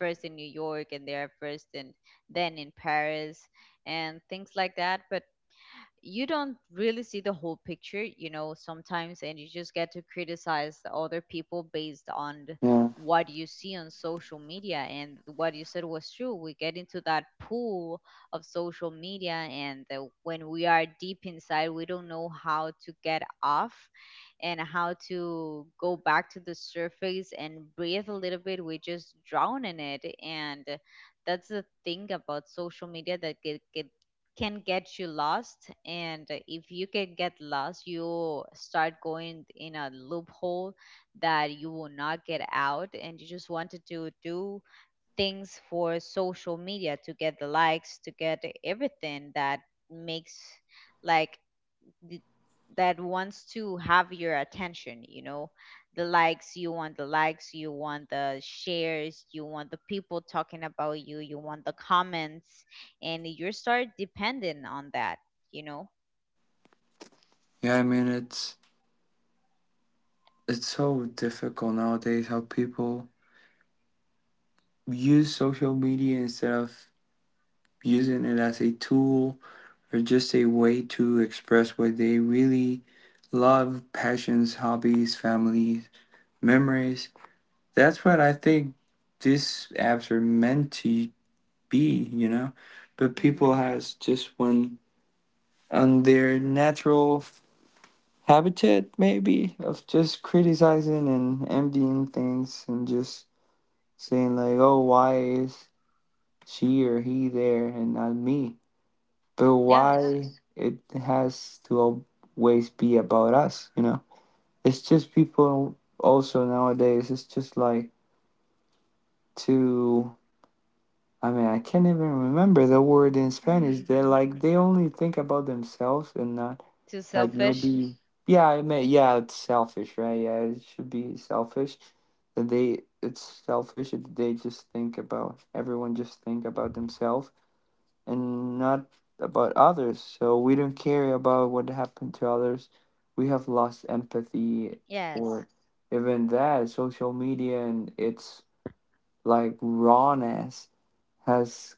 first in New York and there first and then in Paris and things like that. But you don't really see the whole picture, you know, sometimes, and you just get to criticize the other people based on
Yeah,
what you see on social media. And what you said was true. We get into that pool of social media, and when we are deep inside, we don't know how to get off and how to go back to the surface and breathe a little bit. We just drown in it. And that's the thing about social media, that get can get you lost. And if you can get lost, you start going in a loophole that you will not get out, and you just wanted to do things for social media to get the likes, to get everything that makes like th- that wants to have your attention, you know. The likes, you want the likes, you want the shares, you want the people talking about you, you want the comments, and you start dependent on that, you know.
yeah, I mean it's so difficult nowadays how people use social media instead of using it as a tool or just a way to express what they really love passions, hobbies, families, memories. That's what I think these apps are meant to be, you know? But people
Hmm.
has just one on their natural habitat maybe of just criticizing and envying things and just saying like, oh, why is she or he there and not me? But
Yes.
why it has to always be about us, you know? It's just people also nowadays, it's just like to, I mean, I can't even remember the word in Spanish. They're like, they only think about themselves and not
Too
like
selfish.
maybe, yeah, I mean, yeah, it's selfish, right? Yeah, it should be selfish. It's selfish. That They just think about, everyone just think about themselves and not about others. So we don't care about what happened to others. We have lost empathy
Yes.
or even that social media and its like rawness has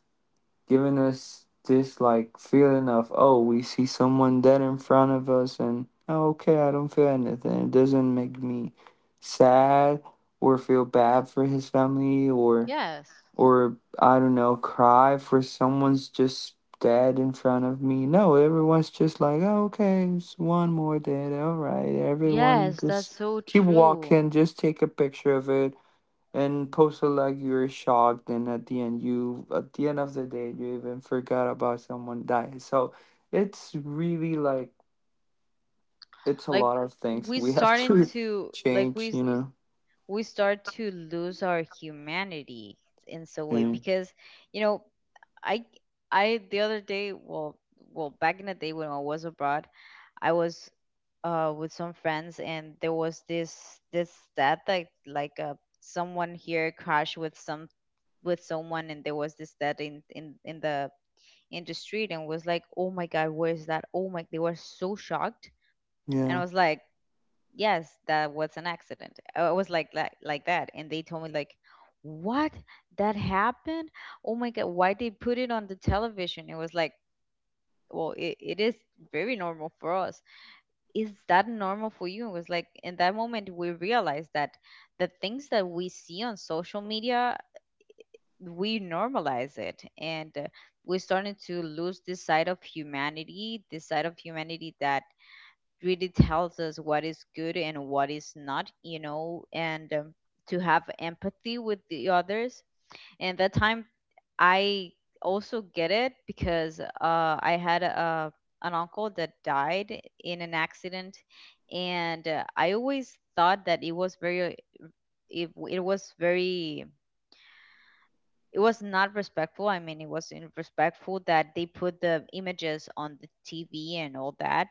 given us this like feeling of oh we see someone dead in front of us and oh, okay I don't feel anything. It doesn't make me sad or feel bad for his family or
Yes.
I don't know, cry for someone's just dead in front of me. No, everyone's just like, oh, okay, it's one more dead. All right, everyone
Yes, that's
just
so
keep
true.
walking, just take a picture of it and post it like you're shocked. And at the end of the day, you even forgot about someone dying. So it's really like it's a
Like
lot of things
we
we have
starting
to
to like
change, you know.
we start to lose our humanity in some way
And
because, you know, i I the other day, well, well back in the day when I was abroad I was with some friends, and there was this stat that like someone here crashed with some with someone and there was this stat in the street, and was like, oh my god, where is that? Oh my, they were so shocked, and I
yeah,
was like, yes, that was an accident. I was like, like that, and they told me like, what, that happened? Oh my god, why they put it on the television? It was like, well, it is very normal for us. Is that normal for you? It was like in that moment we realized that the things that we see on social media we normalize it, and we're starting to lose this side of humanity, this side of humanity that really tells us what is good and what is not, you know. And to have empathy with the others. And that time I also get it because I had an uncle that died in an accident, and I always thought that it was very it was very, it was not respectful. I mean, it was not respectful that they put the images on the TV and all that,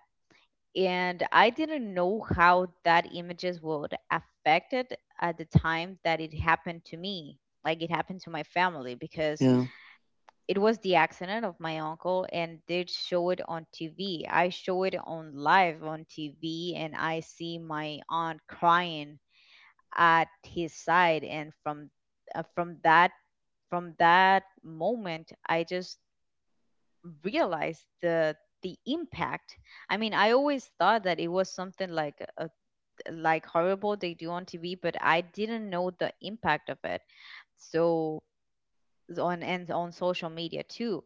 and I didn't know how that images would affect it at the time that it happened to me. Like it happened to my family because
yeah,
it was the accident of my uncle, and they'd show it on TV. I show it on live on TV, and I see my aunt crying at his side, and uh, from that from that moment, I just realized the impact. I mean, I always thought that it was something like a like horrible they do on TV, but I didn't know the impact of it. So on and on social media too.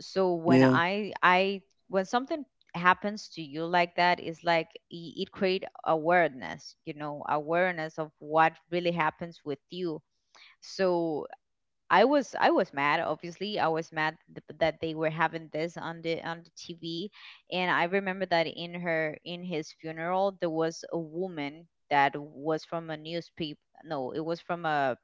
So when
yeah,
I when something happens to you like that is like it create awareness, you know, awareness of what really happens with you. So I was mad. Obviously, I was mad that they were having this on the TV, and I remember that in her in his funeral there was a woman that was from a newspaper. No, it was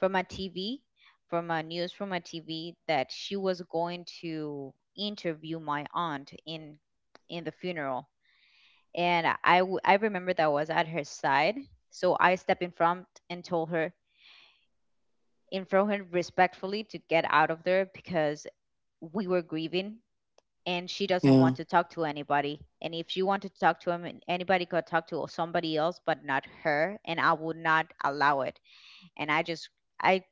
from a TV, from a news from a TV that she was going to interview my aunt in the funeral, and I remember that I was at her side, so I stepped in front and told her and throw her respectfully to get out of there because we were grieving, and she doesn't
yeah,
want to talk to anybody. And if she wanted to talk to him, anybody could talk to somebody else, but not her. And I would not allow it. And I just, I,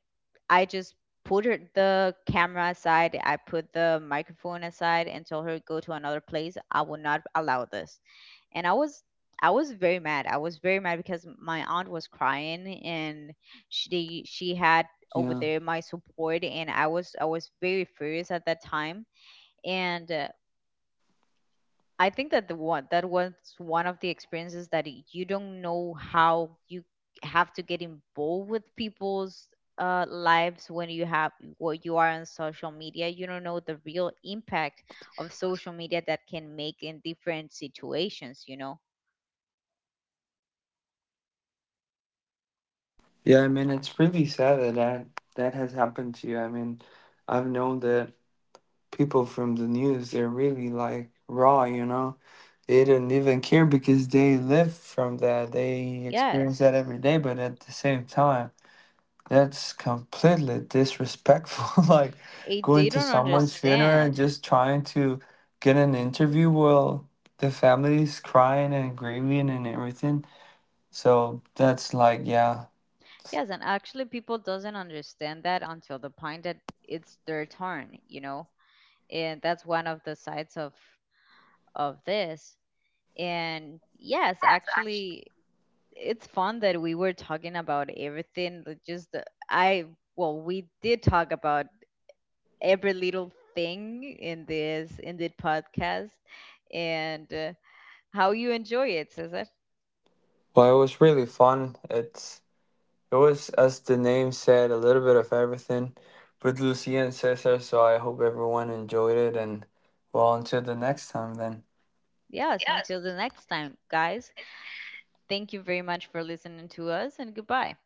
I just put her, the camera aside. I put the microphone aside and told her, go to another place. I will not allow this. And I was I was very mad. I was very mad because my aunt was crying, and she had over
yeah.
there my support, and I was very furious at that time, and I think that the one that was one of the experiences that you don't know how you have to get involved with people's lives. When you have what you are on social media, you don't know the real impact of social media that can make in different situations, you know.
Yeah, I mean, it's really sad that, that has happened to you. I mean, I've known that people from the news, they're really like raw, you know? They don't even care because they live from that. They experience
Yes,
that every day, but at the same time, that's completely disrespectful. Like
it
going
they
to
don't
someone's funeral and
understand.
just trying to get an interview while the family is crying and grieving and everything. So that's like, yeah.
Yes, and actually people doesn't understand that until the point that it's their turn, you know. And that's one of the sides of this. And yes, actually it's fun that we were talking about everything, like I well, we did talk about every little thing in this podcast, and how you enjoy it, says.
Well, it was really fun. It was, as the name said, a little bit of everything with Lucia and Cesar, so I hope everyone enjoyed it and well until the next time then.
Yes, until the next time, guys. Thank you very much for listening to us, and goodbye.